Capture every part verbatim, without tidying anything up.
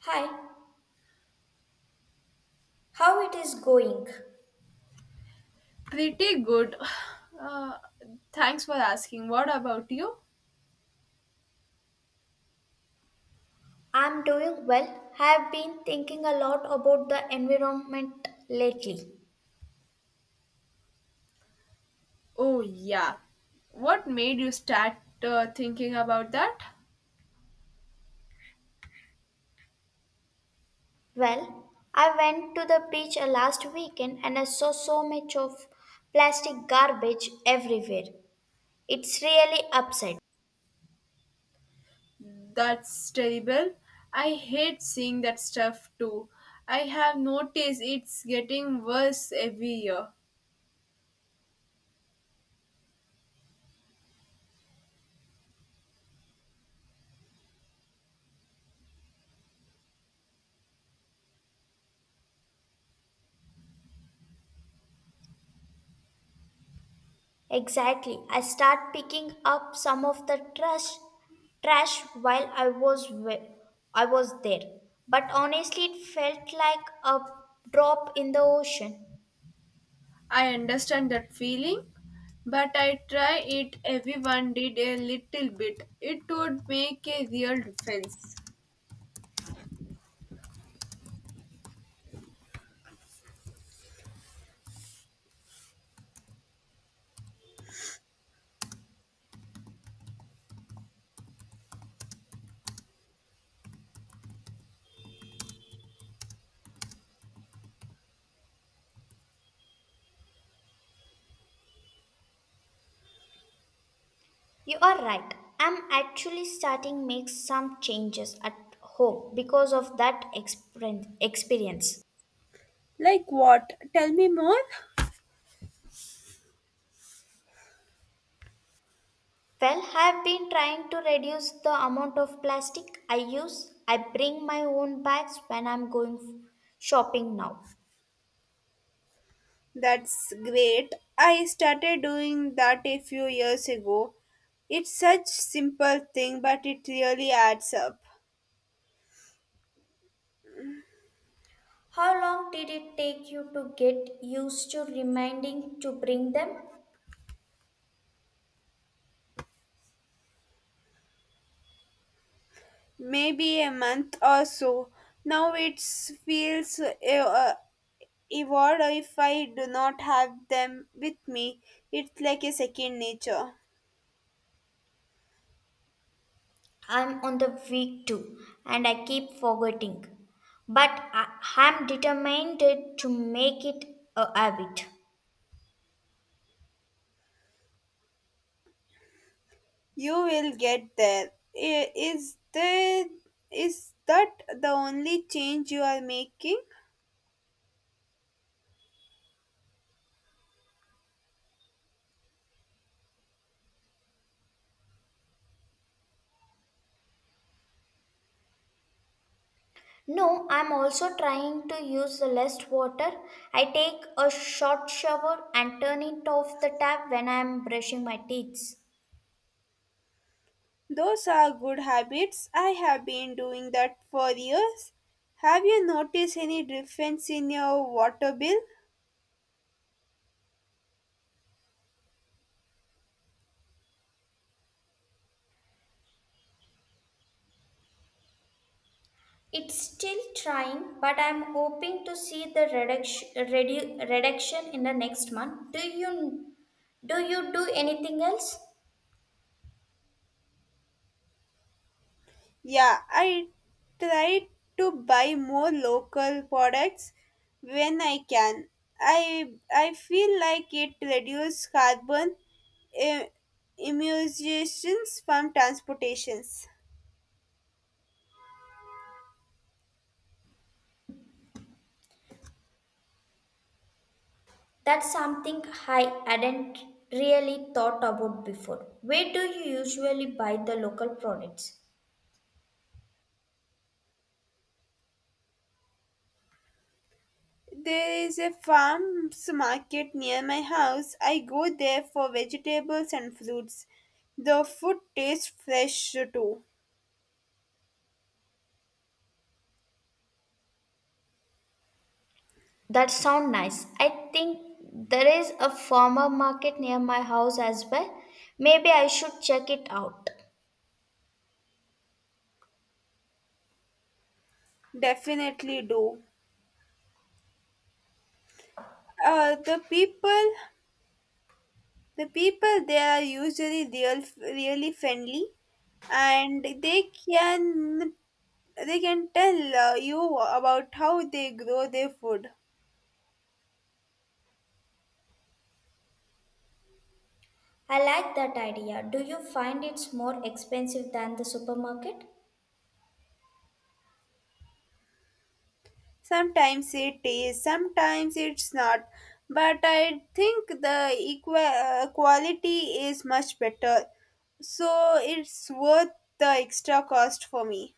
Hi, how it is going? Pretty good. Uh, Thanks for asking. What about you? I'm doing well. Have been thinking a lot about the environment lately. Oh, yeah. What made you start uh, thinking about that? Well, I went to the beach uh, last weekend and I saw so much of plastic garbage everywhere. It's really upset. That's terrible. I hate seeing that stuff too. I have noticed it's getting worse every year. Exactly. I start picking up some of the trash trash while I was wi- I was there. But honestly, it felt like a drop in the ocean. I understand that feeling, but I try it everyone did a little bit. It would make a real difference. You are right. I'm actually starting make some changes at home because of that exper- experience. Like what? Tell me more. Well, I've been trying to reduce the amount of plastic I use. I bring my own bags when I'm going shopping now. That's great. I started doing that a few years ago. It's such simple thing but it really adds up. How long did it take you to get used to reminding to bring them? Maybe a month or so. Now it feels uh, uh, even if I do not have them with me. It's like a second nature. I'm on the week two and I keep forgetting. But I am determined to make it a habit. You will get there. I- Is there is that the only change you are making? No, I'm also trying to use the less water. I take a short shower and turn it off the tap when I'm brushing my teeth. Those are good habits. I have been doing that for years. Have you noticed any difference in your water bill? It's still trying, but I'm hoping to see the reduction, redu- reduction in the next month. Do you do you do anything else? Yeah, I try to buy more local products when I can. I I feel like it reduces carbon eh, emissions from transportations. That's something I hadn't really thought about before. Where do you usually buy the local products? There is a farm's market near my house. I go there for vegetables and fruits. The food tastes fresh too. That sound nice. I think there is a farmer market near my house as well. Maybe I should check it out. Definitely do. Uh, the people, the people there are usually real, really friendly, and they can they can tell uh, you about how they grow their food. I like that idea. Do you find it's more expensive than the supermarket? Sometimes it is, sometimes it's not, but I the equa- uh, quality is much better. So it's worth the extra cost for me.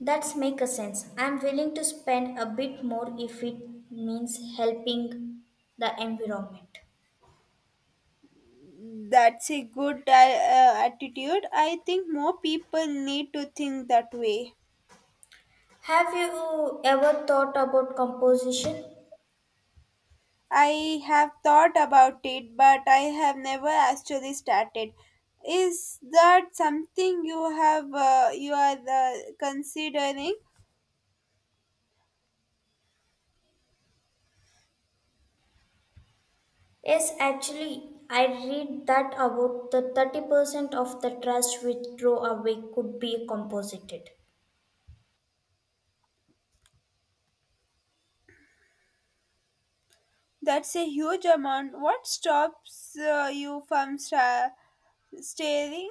That's make a sense. I'm willing to spend a bit more if it means helping the environment. That's a good uh, uh, attitude. I think more people need to think that way. Have you ever thought about composition? I have thought about it, but I have never actually started. Is that something you have uh, you are uh, considering? Yes, actually, I read that about the thirty percent of the trash which throw away could be composited. That's a huge amount. What stops uh, you from sta- staring?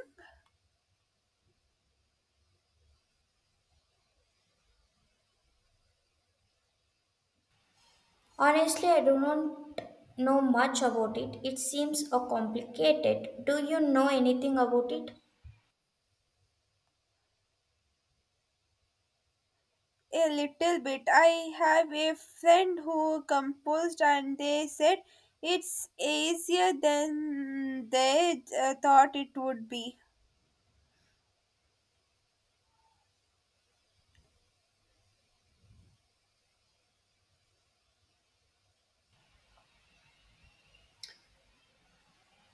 Honestly, I do not know much about it. It seems uh, complicated. Do you know anything about it? A little bit. I have a friend who composed, and they said it's easier than they uh, thought it would be.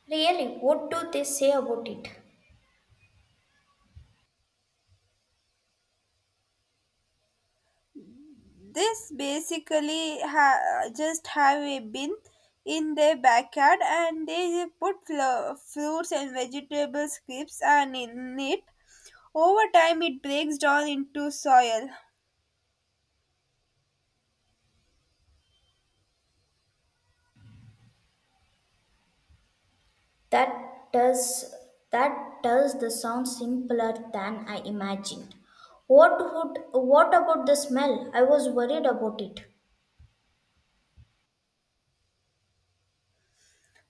Really, what do they say about it? This basically ha- just have a bin in their backyard, and they put flo- fruits and vegetable scraps and in it. Over time, it breaks down into soil. That does that does the sound simpler than I imagined. What would what about the smell? I was worried about it.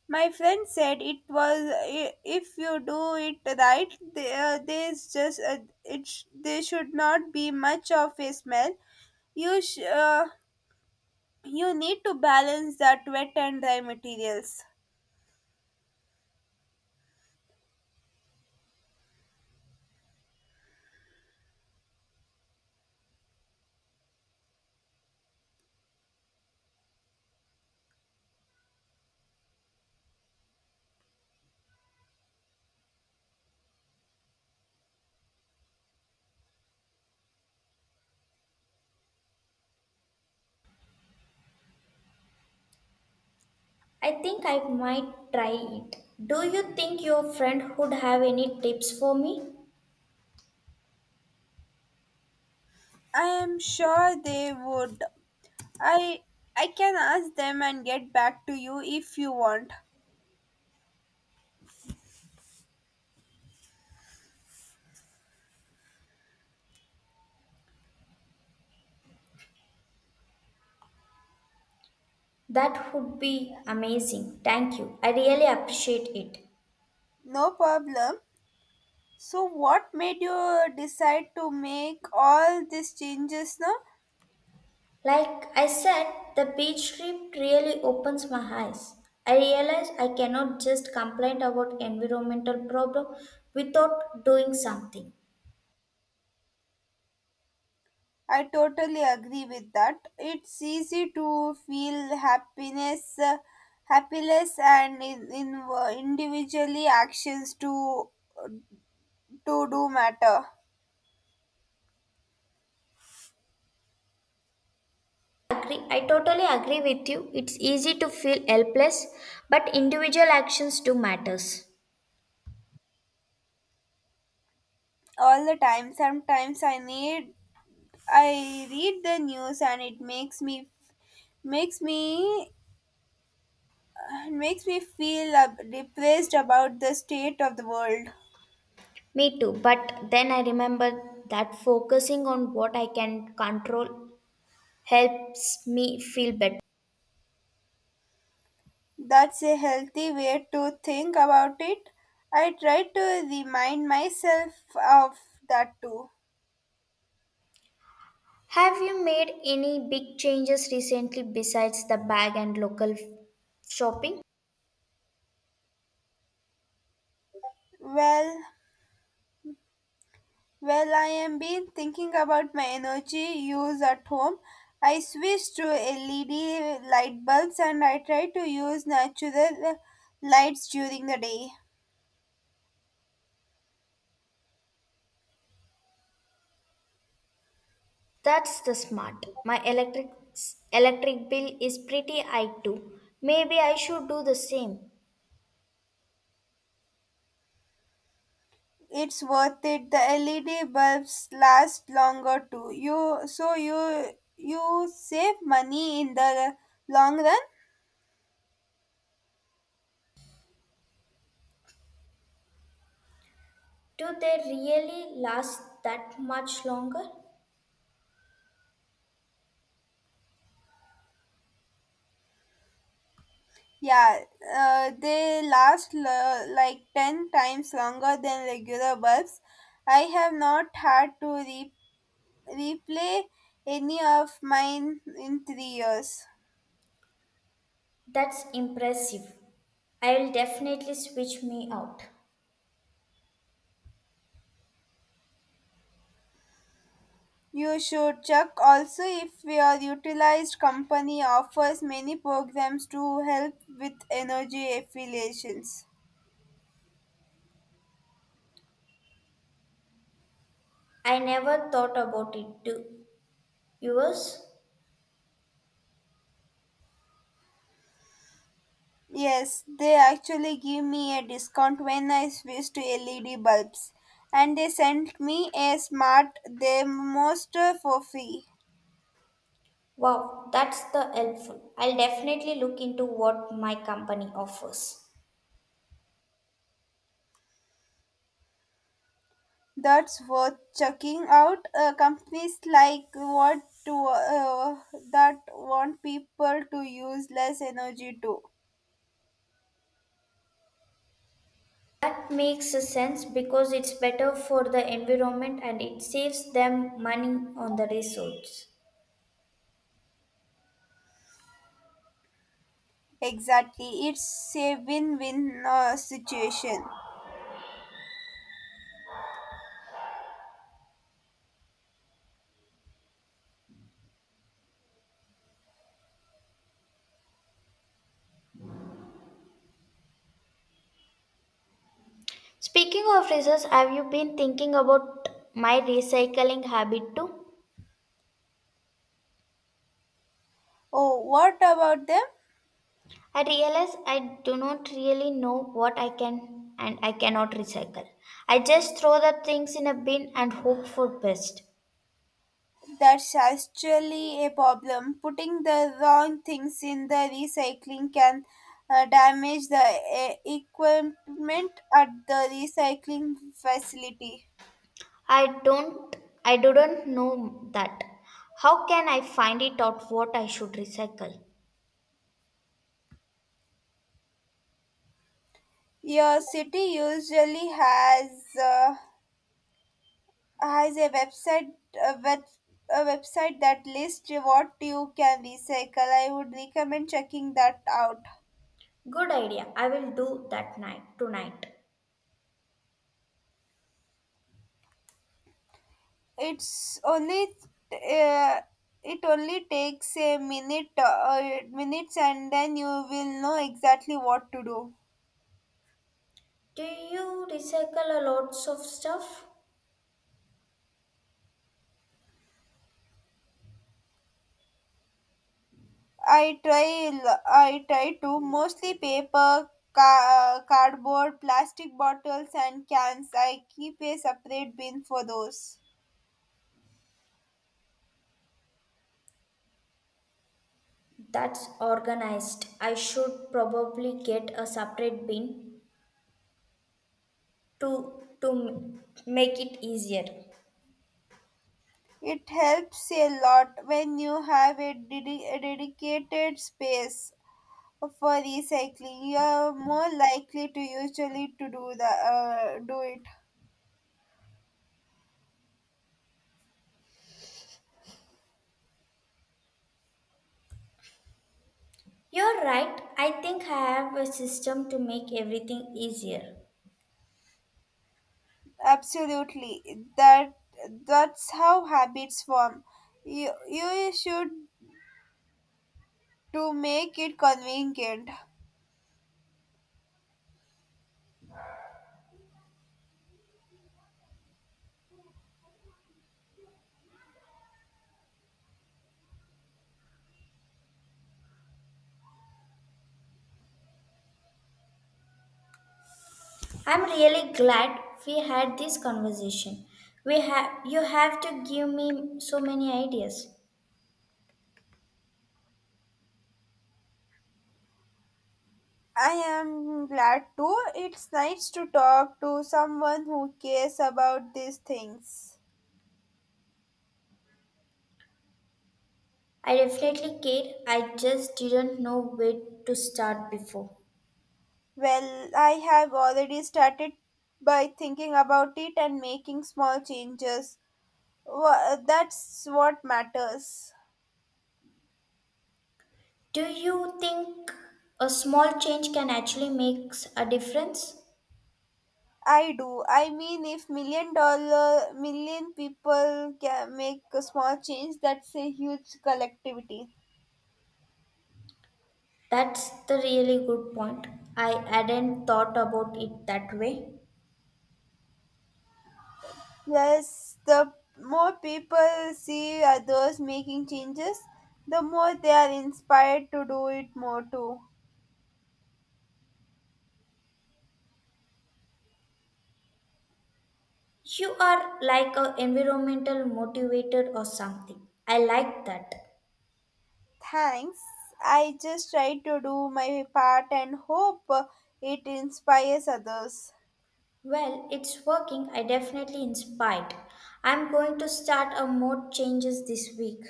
My friend said it was i- if you do it right, th- uh, there's just uh, it sh- there should not be much of a smell. You sh- uh, you need to balance that wet and dry materials. I think I might try it. Do you think your friend would have any tips for me? I am sure they would. I I can ask them and get back to you if you want. That would be amazing. Thank you. I really appreciate it. No problem. So what made you decide to make all these changes now? Like I said, the beach trip really opens my eyes. I realize I cannot just complain about environmental problem without doing something. I totally agree with that. It's easy to feel happiness, uh, happiness, and in, in uh, individually actions to to do matter Agree. I totally agree with you. It's easy to feel helpless, but individual actions do matters. all the time. Sometimes I need I read the news and it makes me makes me makes me feel uh, depressed about the state of the world. Me too, but then I remember that focusing on what I can control helps me feel better. That's a healthy way to think about it. I try to remind myself of that too. Have you made any big changes recently besides the bag and local f- shopping? Well, well, I am been thinking about my energy use at home. I switched to L E D light bulbs and I try to use natural lights during the day. That's the smart. My electric electric bill is pretty high too. Maybe I should do the same. It's worth it. The L E D bulbs last longer too. You so you you save money in the long run. Do they really last that much longer? Yeah, uh, they last l- like ten times longer than regular bulbs. I have not had to re- replay any of mine in three years. That's impressive. I will definitely switch me out. You should check also if your utilized company offers many programs to help with energy affiliations. I never thought about it. Do yours? Yes, they actually give me a discount when I switch to L E D bulbs, and they sent me a smart thermistor for free. Wow, that's the helpful. I'll definitely look into what my company offers. That's worth checking out. Uh, companies like what to uh, that want people to use less energy too. That makes a sense because it's better for the environment and it saves them money on the resource. Exactly, it's a win-win uh, situation. Speaking of resource, have you been thinking about my recycling habit too? Oh, what about them? I realize I do not really know what I can and I cannot recycle. I just throw the things in a bin and hope for best. That's actually a problem. Putting the wrong things in the recycling can uh, damage the uh, equipment at the recycling facility. I don't I didn't know that. How can I find it out what I should recycle? Your city usually has uh, has a website a, web, a website that lists what you can recycle. I would recommend checking that out. Good idea. I will do that night tonight. It's only uh, it only takes a minute uh, minutes and then you will know exactly what to do. Do you recycle a lots of stuff? i try l- I try to mostly paper ca- cardboard plastic bottles and cans. I keep a separate bin for those. That's organized. I should probably get a separate bin to to m- make it easier. It helps a lot when you have a, dedi- a dedicated space for recycling. You are more likely to usually to do the uh, do it. You're right. I think I have a system to make everything easier. Absolutely. That that's how habits form. You you should to make it convenient. I'm really glad we had this conversation. We have you have to give me so many ideas. I am glad too. It's nice to talk to someone who cares about these things. I definitely care. I just didn't know where to start before. Well, I have already started by thinking about it and making small changes. Wha- That's what matters. Do you think a small change can actually make a difference? I do. I mean, if million dollar million people can make a small change, that's a huge collectivity. That's the really good point. I hadn't thought about it that way. Yes, the more people see others making changes, the more they are inspired to do it more too. You are like an environmental motivator or something. I like that. Thanks. I just try to do my part and hope uh, it inspires others. Well, it's working. I definitely inspired. I'm going to start a mode changes this week.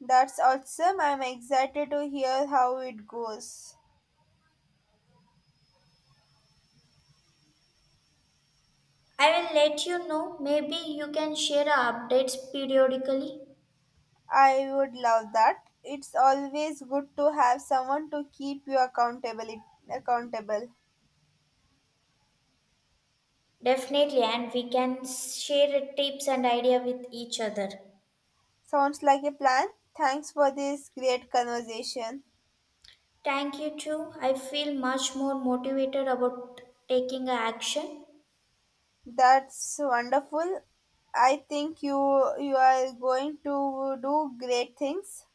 That's awesome. I'm excited to hear how it goes. I will let you know. Maybe you can share our updates periodically. I would love that. It's always good to have someone to keep you accountable. Accountable Definitely, and we can share tips and idea with each other. sounds like a plan. Thanks for this great conversation. Thank you too. I feel much more motivated about taking a action. That's wonderful. I think you you are going to do great things.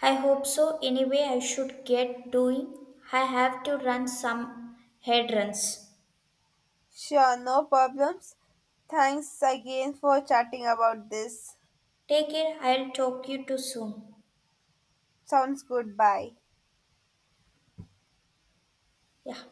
I hope so. Anyway, I should get doing. I have to run some head runs. Sure, no problems. Thanks again for chatting about this. Take care. I'll talk you to soon. Sounds good. Bye. Yeah.